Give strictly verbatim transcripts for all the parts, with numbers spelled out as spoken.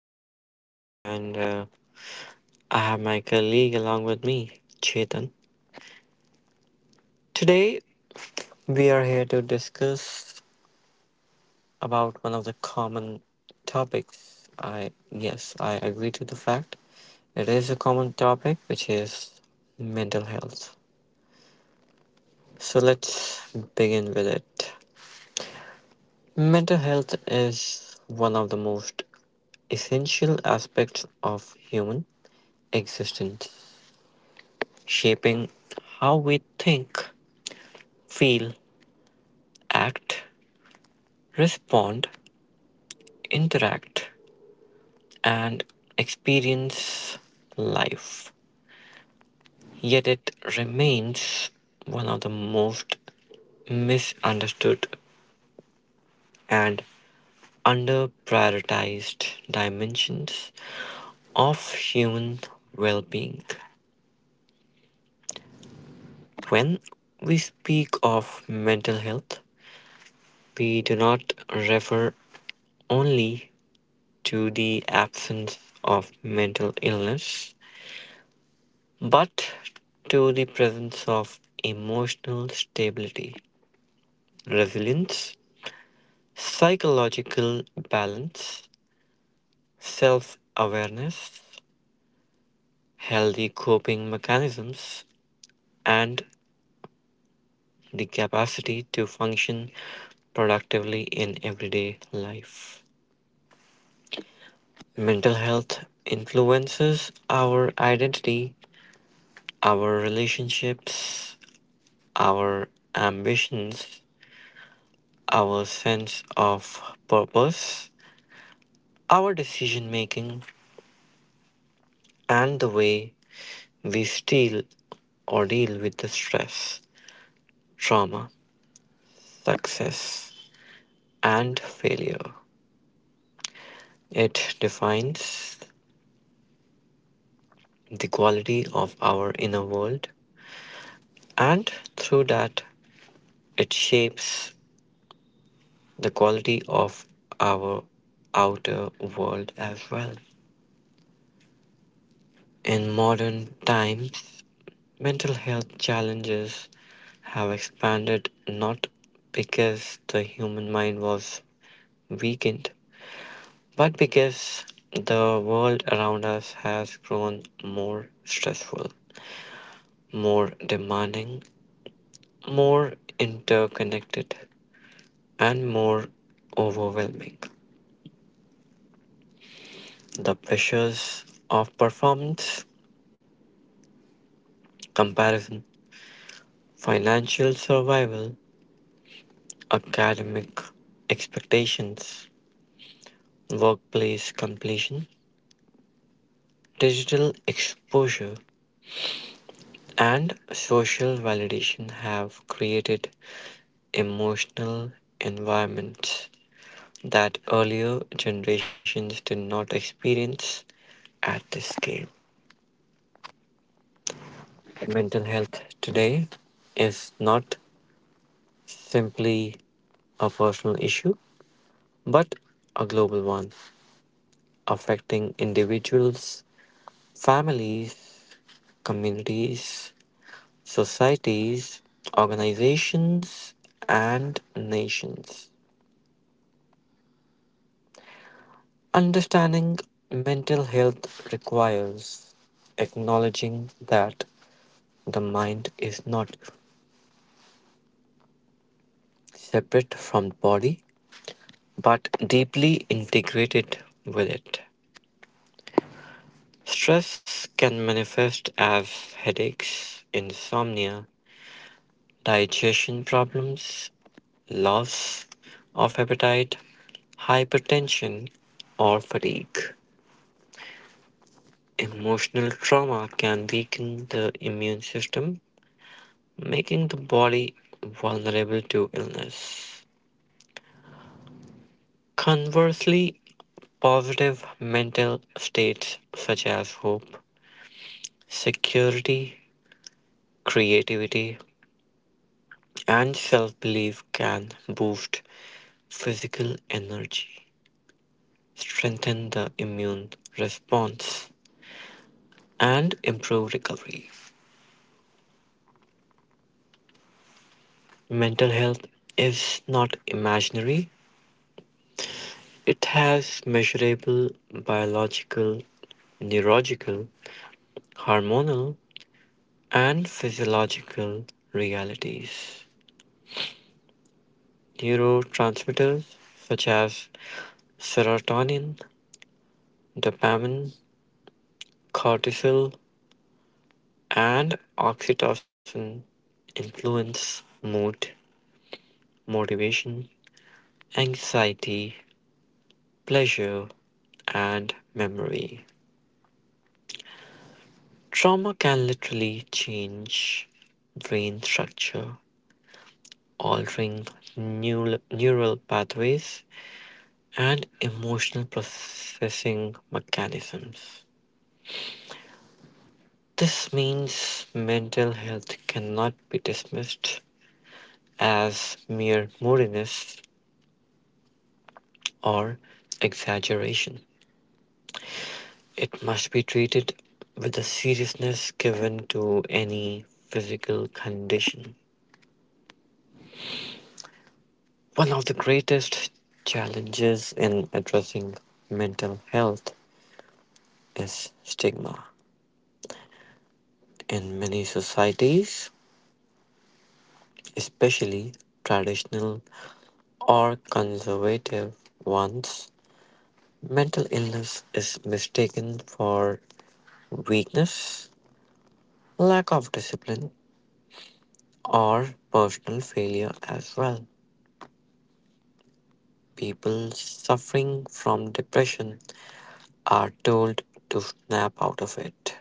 Vishesh and uh, I have my colleague along with me, Chetan. Today we are here to discuss about one of the common topics. I yes, I agree to the fact. It is a common topic which is mental health. So let's begin with it. Mental health is one of the most essential aspects of human existence, shaping how we think, feel, act, respond, interact, and experience life. Yet it remains one of the most misunderstood and underprioritized dimensions of human well being. When we speak of mental health, we do not refer only to the absence of mental illness, but to the presence of emotional stability, resilience, psychological balance, self awareness, healthy coping mechanisms, and the capacity to function productively in everyday life. Mental health influences our identity, our relationships, our ambitions, our sense of purpose, our decision making, and the way we steal or deal with the stress, trauma, success, and failure. It defines the quality of our inner world, and through that, it shapes the quality of our outer world as well. In modern times, mental health challenges have expanded not because the human mind was weakened, but because the world around us has grown more stressful, more demanding, more interconnected, and more overwhelming. The pressures of performance, comparison, financial survival, academic expectations, workplace completion, digital exposure and social validation have created emotional environments that earlier generations did not experience at this scale. Mental health today is not simply a personal issue, but a global one, affecting individuals, families, communities, societies, organizations, and nations. Understanding mental health requires acknowledging that the mind is not separate from the body but deeply integrated with it. Stress can manifest as headaches, insomnia, digestion problems, loss of appetite, hypertension, or fatigue. Emotional trauma can weaken the immune system, making the body vulnerable to illness. Conversely, positive mental states such as hope, security, creativity, and self belief can boost physical energy, strengthen the immune response, and improve recovery. Mental health is not imaginary. It has measurable biological, neurological, hormonal, and physiological realities. Neurotransmitters such as serotonin, dopamine, cortisol, and oxytocin influence mood, motivation, anxiety, pleasure, and memory. Trauma can literally change brain structure, altering neural pathways and emotional processing mechanisms. This means mental health cannot be dismissed as mere moodiness or exaggeration. It must be treated with the seriousness given to any physical condition. One of the greatest challenges in addressing mental health is stigma. In many societies, especially traditional or conservative ones, mental illness is mistaken for weakness, lack of discipline, or personal failure as well. People suffering from depression are told to snap out of it.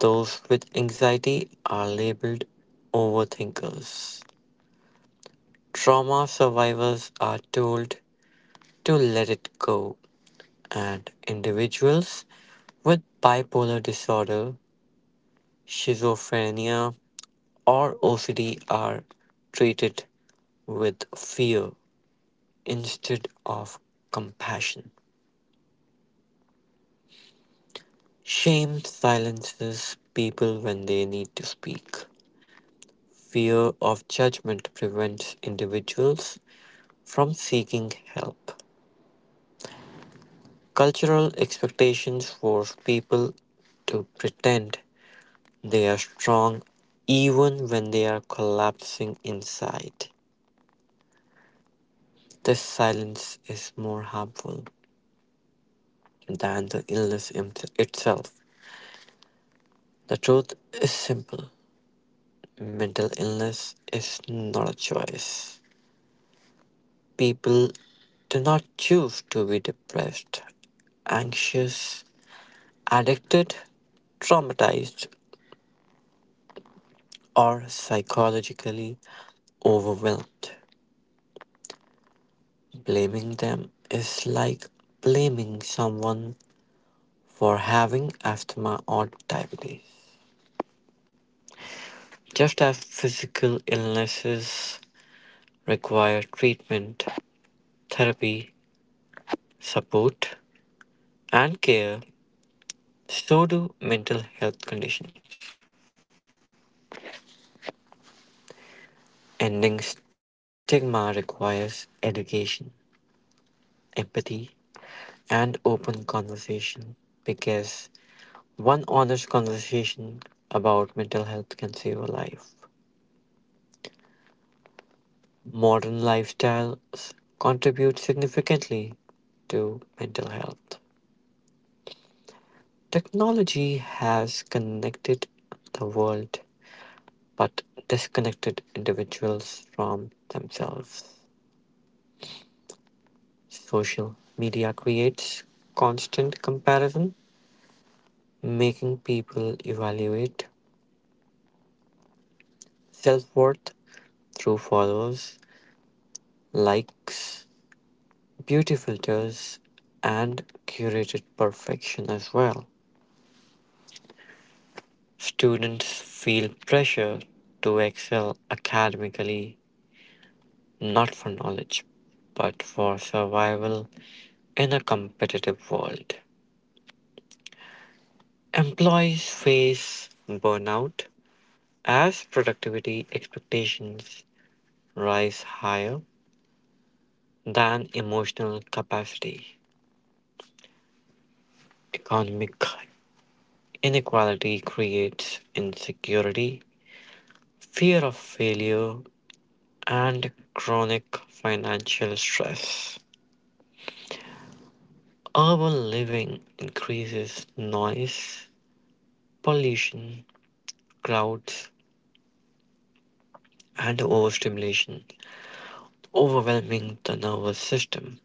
Those with anxiety are labeled overthinkers. Trauma survivors are told to let it go, and individuals with bipolar disorder, schizophrenia, or O C D are treated with fear instead of compassion. Shame silences people when they need to speak. Fear of judgment prevents individuals from seeking help. Cultural expectations force people to pretend they are strong even when they are collapsing inside. This silence is more harmful than the illness im- itself. The truth is simple: mental illness is not a choice. People do not choose to be depressed, anxious, addicted, traumatized, or psychologically overwhelmed. Blaming them is like blaming someone for having asthma or diabetes. Just as physical illnesses require treatment, therapy, support, and care, so do mental health conditions. Ending stigma requires education, empathy, and open conversation, because one honest conversation about mental health can save a life. Modern lifestyles contribute significantly to mental health. Technology has connected the world but disconnected individuals from themselves. Social media creates constant comparison, making people evaluate self worth through followers, likes, beauty filters, and curated perfection as well. Students feel pressure to excel academically, not for knowledge, but for survival in a competitive world. Employees face burnout as productivity expectations rise higher than emotional capacity. Economic inequality creates insecurity, fear of failure, and chronic financial stress. Urban living increases noise, pollution, crowds, and overstimulation, overwhelming the nervous system.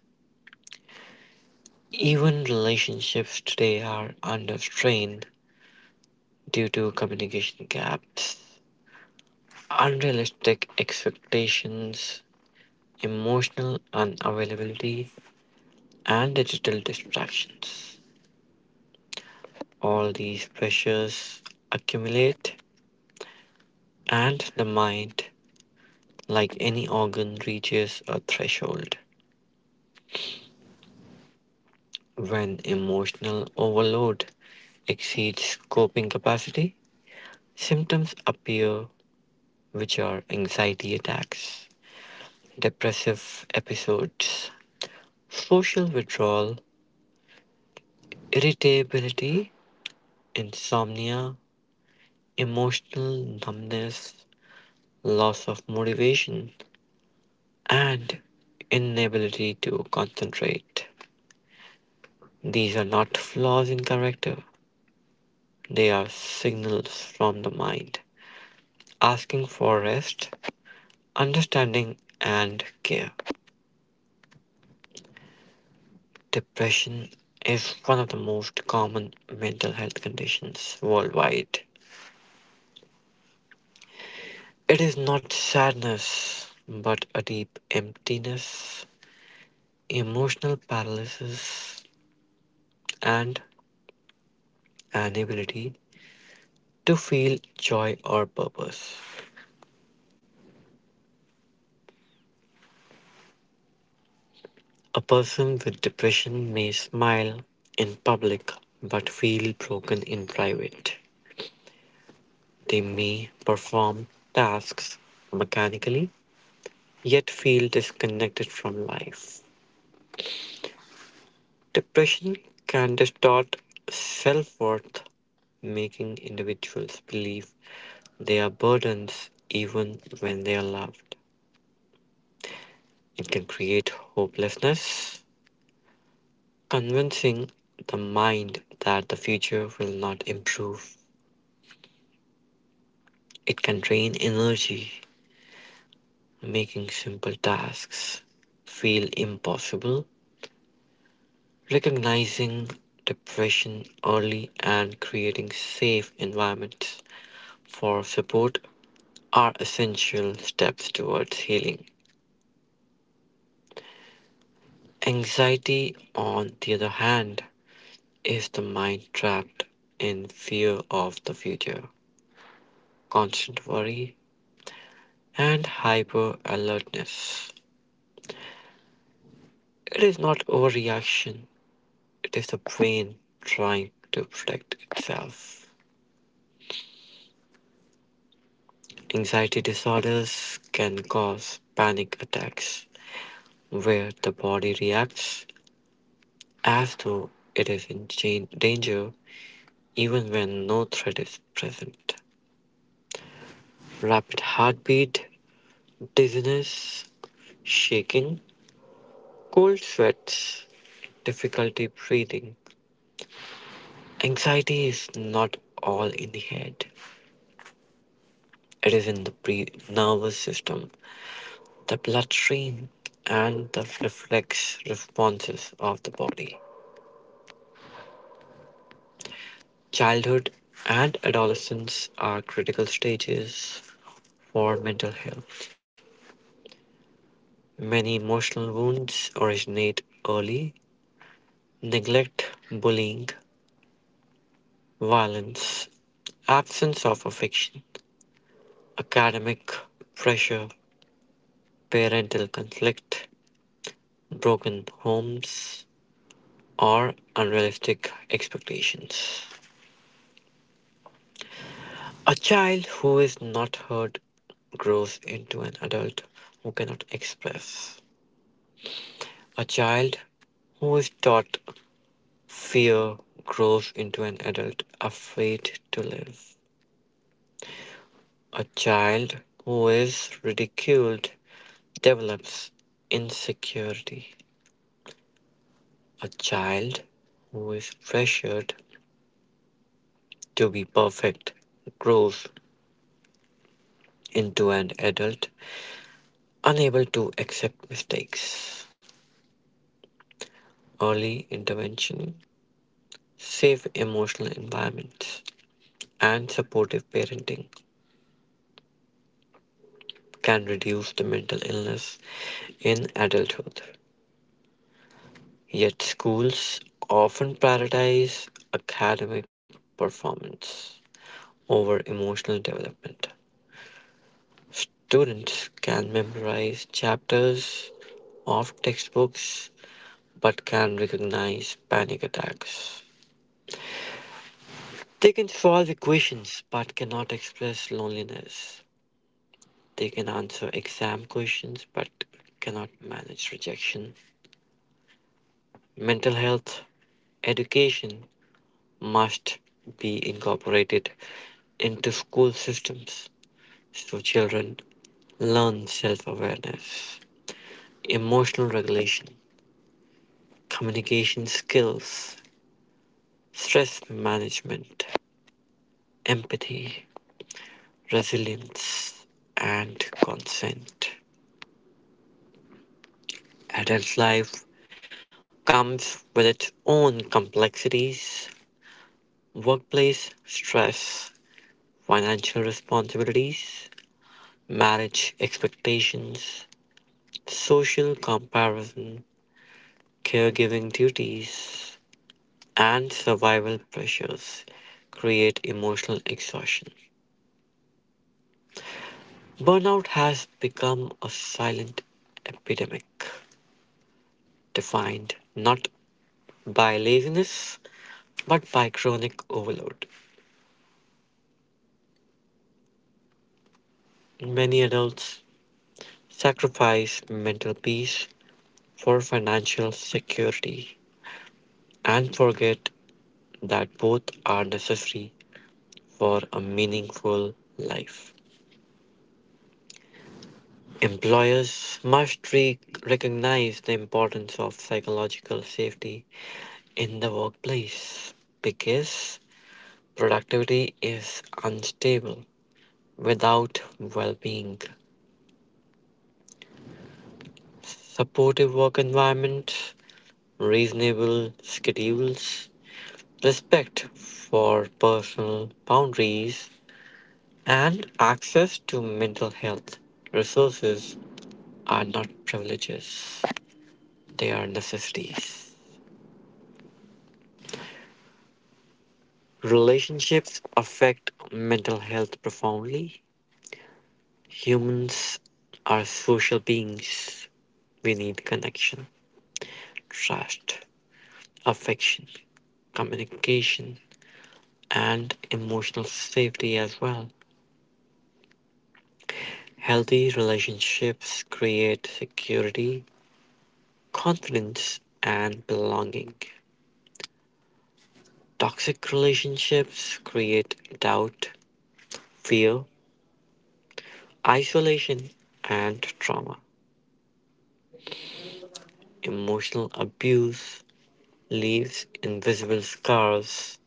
Even relationships today are under strain due to communication gaps, unrealistic expectations, emotional unavailability, and digital distractions. All these pressures accumulate, and the mind, like any organ, reaches a threshold. When emotional overload exceeds coping capacity, symptoms appear which are anxiety attacks, depressive episodes, social withdrawal, irritability, insomnia, emotional numbness, loss of motivation, and inability to concentrate. These are not flaws in character, they are signals from the mind asking for rest, understanding, and care. Depression is one of the most common mental health conditions worldwide. It is not sadness, but a deep emptiness, emotional paralysis, and an inability to feel joy or purpose. A person with depression may smile in public but feel broken in private. They may perform tasks mechanically yet feel disconnected from life. Depression can distort self-worth, making individuals believe they are burdens even when they are loved. It can create hopelessness, convincing the mind that the future will not improve. It can drain energy, making simple tasks feel impossible. Recognizing depression early and creating safe environments for support are essential steps towards healing. Anxiety, on the other hand, is the mind trapped in fear of the future, constant worry, and hyper alertness. It is not overreaction, it is the brain trying to protect itself. Anxiety disorders can cause panic attacks where the body reacts as though it is in danger even when no threat is present. Rapid heartbeat, dizziness, shaking, cold sweats, difficulty breathing. Anxiety is not all in the head, it is in the pre- nervous system, the bloodstream, and the reflex responses of the body. Childhood and adolescence are critical stages for mental health. Many emotional wounds originate early. Neglect, bullying, violence, absence of affection, academic pressure, parental conflict, broken homes, or unrealistic expectations. A child who is not heard grows into an adult who cannot express. A child who is taught fear grows into an adult afraid to live. A child who is ridiculed develops insecurity. A child who is pressured to be perfect grows into an adult unable to accept mistakes. Early intervention, safe emotional environments, and supportive parenting can reduce the mental illness in adulthood. Yet, schools often prioritize academic performance over emotional development. Students can memorize chapters of textbooks but can recognize panic attacks. They can solve equations but cannot express loneliness. They can answer exam questions but cannot manage rejection. Mental health education must be incorporated into school systems so children learn self awareness, emotional regulation, communication skills, stress management, empathy, resilience, and consent. Adult life comes with its own complexities: workplace stress, financial responsibilities, marriage expectations, social comparison, caregiving duties, and survival pressures create emotional exhaustion. Burnout has become a silent epidemic defined not by laziness but by chronic overload. Many adults sacrifice mental peace for financial security and forget that both are necessary for a meaningful life. Employers must re- recognize the importance of psychological safety in the workplace, because productivity is unstable without well-being. Supportive work environment, reasonable schedules, respect for personal boundaries, and access to mental health resources are not privileges, they are necessities. Relationships affect mental health profoundly. Humans are social beings. We need connection, trust, affection, communication, and emotional safety as well. Healthy relationships create security, confidence, and belonging. Toxic relationships create doubt, fear, isolation, and trauma. Emotional abuse leaves invisible scars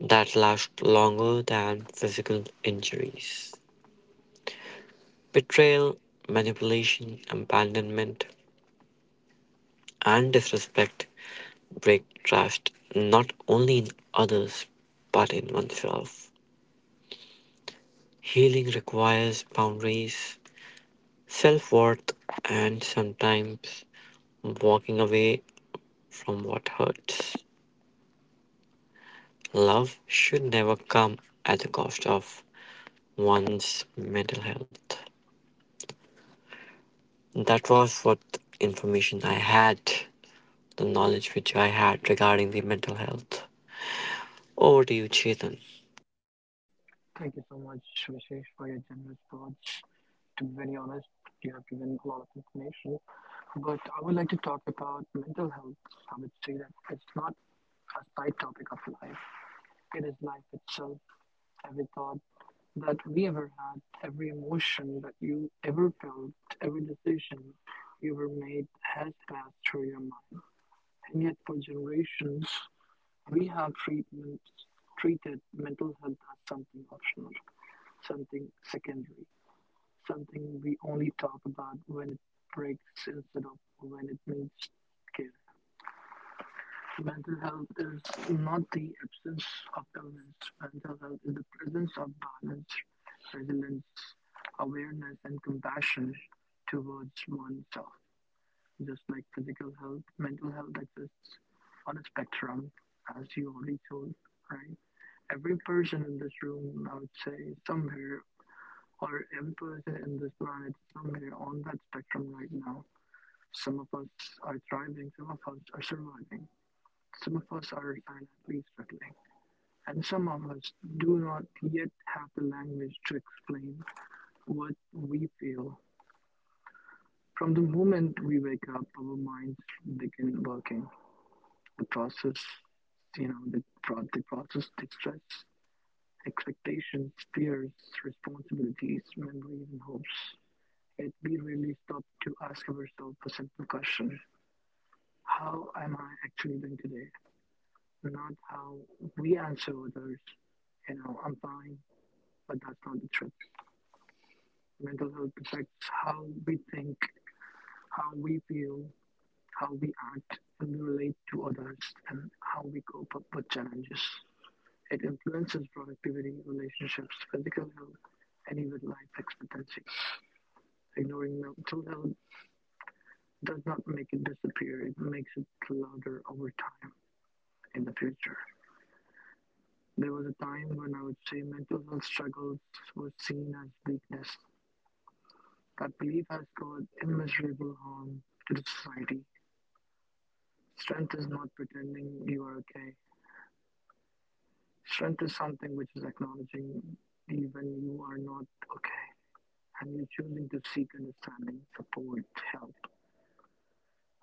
that last longer than physical injuries. Betrayal, manipulation, abandonment, and disrespect break trust not only in others but in oneself. Healing requires boundaries, self worth, and sometimes walking away from what hurts. Love should never come at the cost of one's mental health. That was what information I had, the knowledge which I had regarding the mental health. Over to you, Chetan. Thank you so much, Vishesh, for your generous words. To be very honest, you have given a lot of information, but I would like to talk about mental health. I would say that it's not a side topic of life, it is life itself. Every thought that we ever had, every emotion that you ever felt, every decision you ever made has passed through your mind. And yet, for generations, we have treatment, treated mental health as something optional, something secondary, something we only talk about when it breaks instead of when it needs care. Mental health is not the absence of illness. Mental health is the presence of balance, resilience, awareness, and compassion towards oneself. Just like physical health, mental health exists on a spectrum, as you already told, right? Every person in this room, I would say, somewhere, or every person in this planet, somewhere on that spectrum right now. Some of us are thriving, some of us are surviving, some of us are silently struggling, and some of us do not yet have the language to explain what we feel. From the moment we wake up, our minds begin working. The process, you know, the, pro- the process, the stress, expectations, fears, responsibilities, memories, and hopes. Yet we rarely stop to ask ourselves a simple question: how am I actually doing today? Not how we answer others. You know, I'm fine, but that's not the truth. Mental health affects how we think, how we feel, how we act, and we relate to others, and how we cope up with challenges. It influences productivity, relationships, physical health, and even life expectancy. Ignoring mental health does not make it disappear, it makes it louder over time in the future. There was a time when I would say mental health struggles were seen as weakness. That belief has caused immeasurable harm to the society. Strength is not pretending you are okay. Strength is something which is acknowledging even you are not okay and you're choosing to seek understanding, support, help.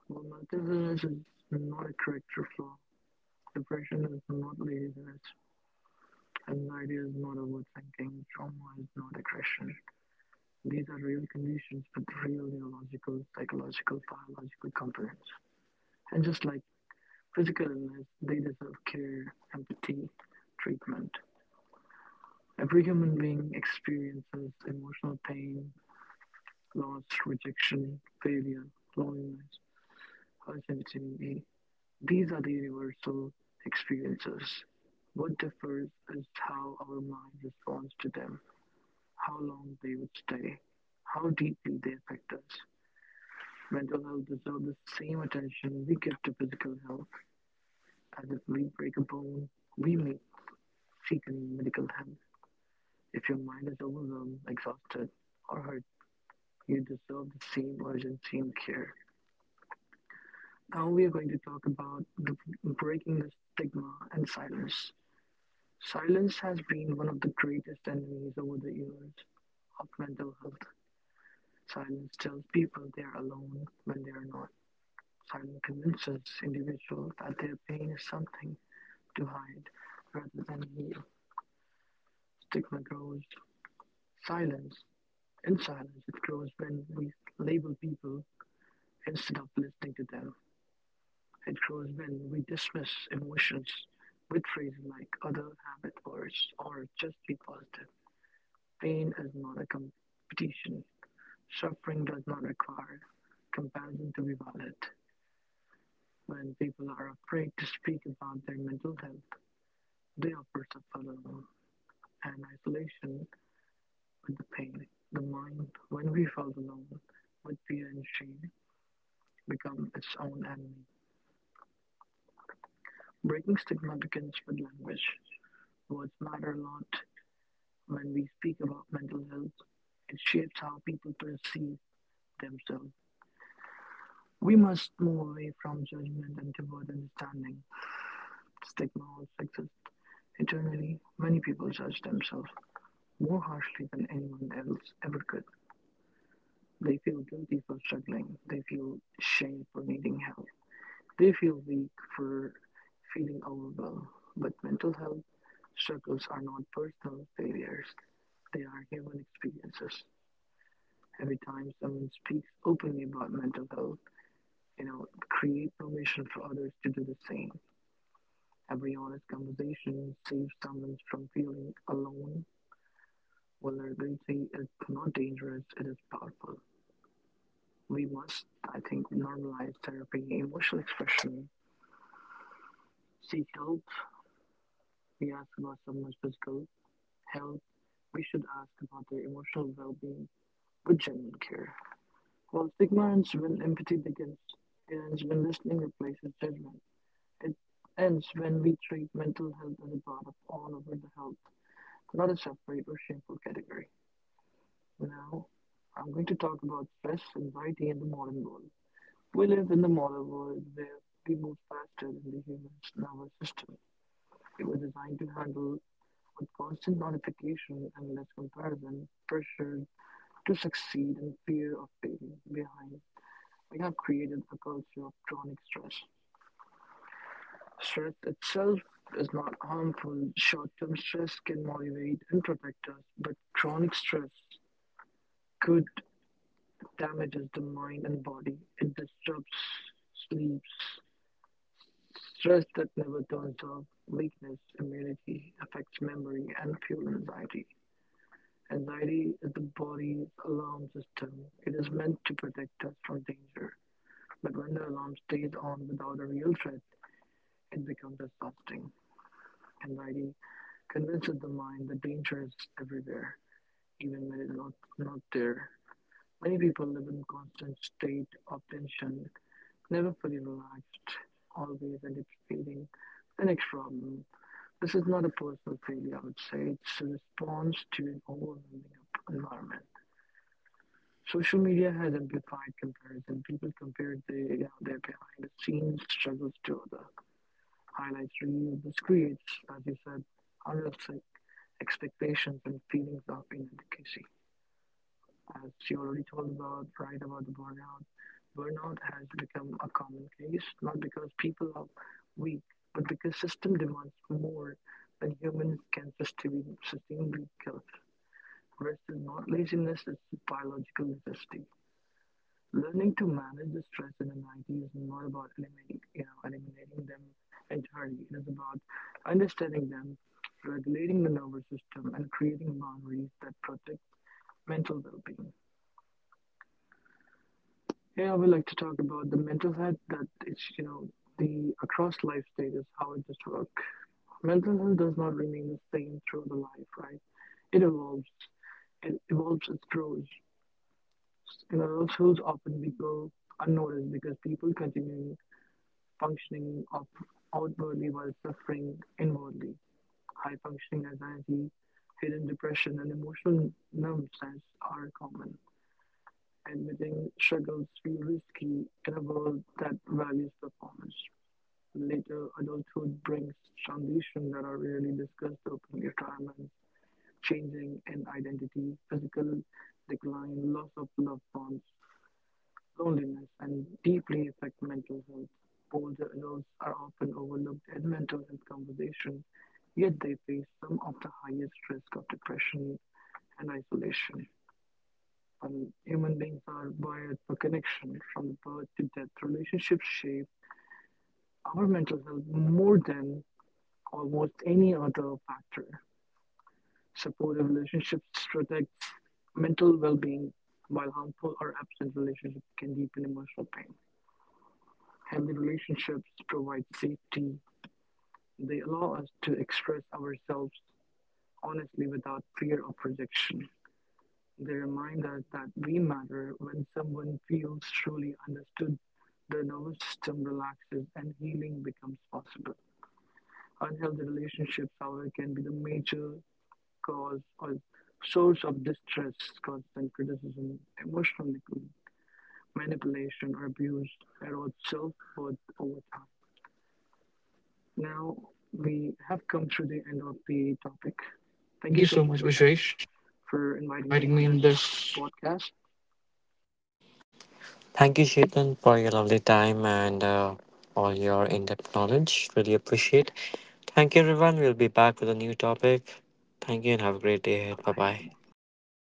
Well, mental illness is not a character flaw. Depression is not laziness. Anxiety is not overthinking. Trauma is not aggression. These are real conditions with real neurological, psychological, biological components. And just like physical illness, they deserve care, empathy, treatment. Every human being experiences emotional pain, loss, rejection, failure, loneliness, uncertainty. These are the universal experiences. What differs is how our mind responds to them, how long they would stay, how deeply they affect us. Mental health deserves the same attention we give to physical health. As if we break a bone, we may seek medical help. If your mind is overwhelmed, exhausted, or hurt, you deserve the same urgency and care. Now we are going to talk about the breaking the stigma and silence. Silence has been one of the greatest enemies over the years of mental health. Silence tells people they are alone when they are not. Simon convinces individuals that their pain is something to hide rather than heal. Stigma grows silence. In silence, it grows when we label people instead of listening to them. It grows when we dismiss emotions with phrases like other have it worse or just be positive. Pain is not a competition. Suffering does not require comparison to be valid. When people are afraid to speak about their mental health, they offered the forlorn and isolation with the pain. The mind, when we felt alone with fear and shame, become its own enemy. Breaking stigma begins with language. Words matter a lot when we speak about mental health. It shapes how people perceive themselves. We must move away from judgment and toward understanding. Stigma also exists. Internally, many people judge themselves more harshly than anyone else ever could. They feel guilty for struggling. They feel shame for needing help. They feel weak for feeling overwhelmed. But mental health struggles are not personal failures, they are human experiences. Every time someone speaks openly about mental health, you know, create permission for others to do the same. Every honest conversation saves someone from feeling alone. Vulnerability is not dangerous, it is powerful. We must, I think, normalize therapy, emotional expression, seek help. We ask about someone's physical health. We should ask about their emotional well being with genuine care. While stigma ends when empathy begins, it ends when listening replaces judgment. It ends when we treat mental health as a part of all over the health, not a separate or shameful category. Now, I'm going to talk about stress, anxiety, and the modern world. We live in the modern world where we move faster than the human nervous system. It was designed to handle with constant notification and less comparison, pressure to succeed and fear of failing behind. We have created a culture of chronic stress. Stress itself is not harmful. Short-term stress can motivate and protect us, but chronic stress could damages the mind and body. It disrupts sleeps. Stress that never turns off, weakness, immunity affects memory and fuel anxiety. Anxiety is the body's alarm system. It is meant to protect us from danger. But when the alarm stays on without a real threat, it becomes exhausting. Anxiety convinces the mind that danger is everywhere, even when it's not, not there. Many people live in a constant state of tension, never fully relaxed, always anticipating the next problem. This is not a personal failure, I would say. It's a response to an overwhelming environment. Social media has amplified comparison. People compare their, you know, their behind the scenes struggles to the highlights reels. This creates, as you said, unrealistic expectations and feelings of inadequacy. As she already told about, right, about the burnout, burnout has become a common case, not because people are weak, but because system demands more than humans can sustain. Sustain rest is not laziness; it's a biological necessity. Learning to manage the stress and anxiety is not about eliminating, you know, eliminating them entirely. It is about understanding them, regulating the nervous system, and creating boundaries that protect mental well-being. Yeah, I would like to talk about the mental health that it's, you know, the across life stages, how it just work. Mental health does not remain the same through the life, right? It evolves, it evolves, it grows. You know, those tools often we go unnoticed because people continue functioning up outwardly while suffering inwardly. High functioning anxiety, hidden depression, and emotional numbness are common. Admitting struggles feel risky in a world that values performance. Later adulthood brings transitions that are rarely discussed openly. Retirement, changing in identity, physical decline, loss of loved ones, loneliness, and deeply affect mental health. Older adults are often overlooked in mental health conversation, yet they face some of the highest risk of depression and isolation. And human beings are wired for connection from birth to death. Relationships shape our mental health more than almost any other factor. Supportive relationships protect mental well being, while harmful or absent relationships can deepen emotional pain. Healthy relationships provide safety, they allow us to express ourselves honestly without fear of rejection. They remind us that we matter when someone feels truly understood, their nervous system relaxes, and healing becomes possible. Unhealthy relationships, however, can be the major cause or source of distress, constant criticism, emotional neglect, manipulation, or abuse, erode self worth over time. Now, we have come to the end of the topic. Thank you so Thank you much, so much, Vishesh, Vishesh, for for inviting me on inviting me this in this podcast. Thank you, Chetan, for your lovely time and uh, all your in depth knowledge. Really appreciate. Thank you, everyone. We'll be back with a new topic. Thank you and have a great day ahead. Bye bye. Bye Bye bye. bye.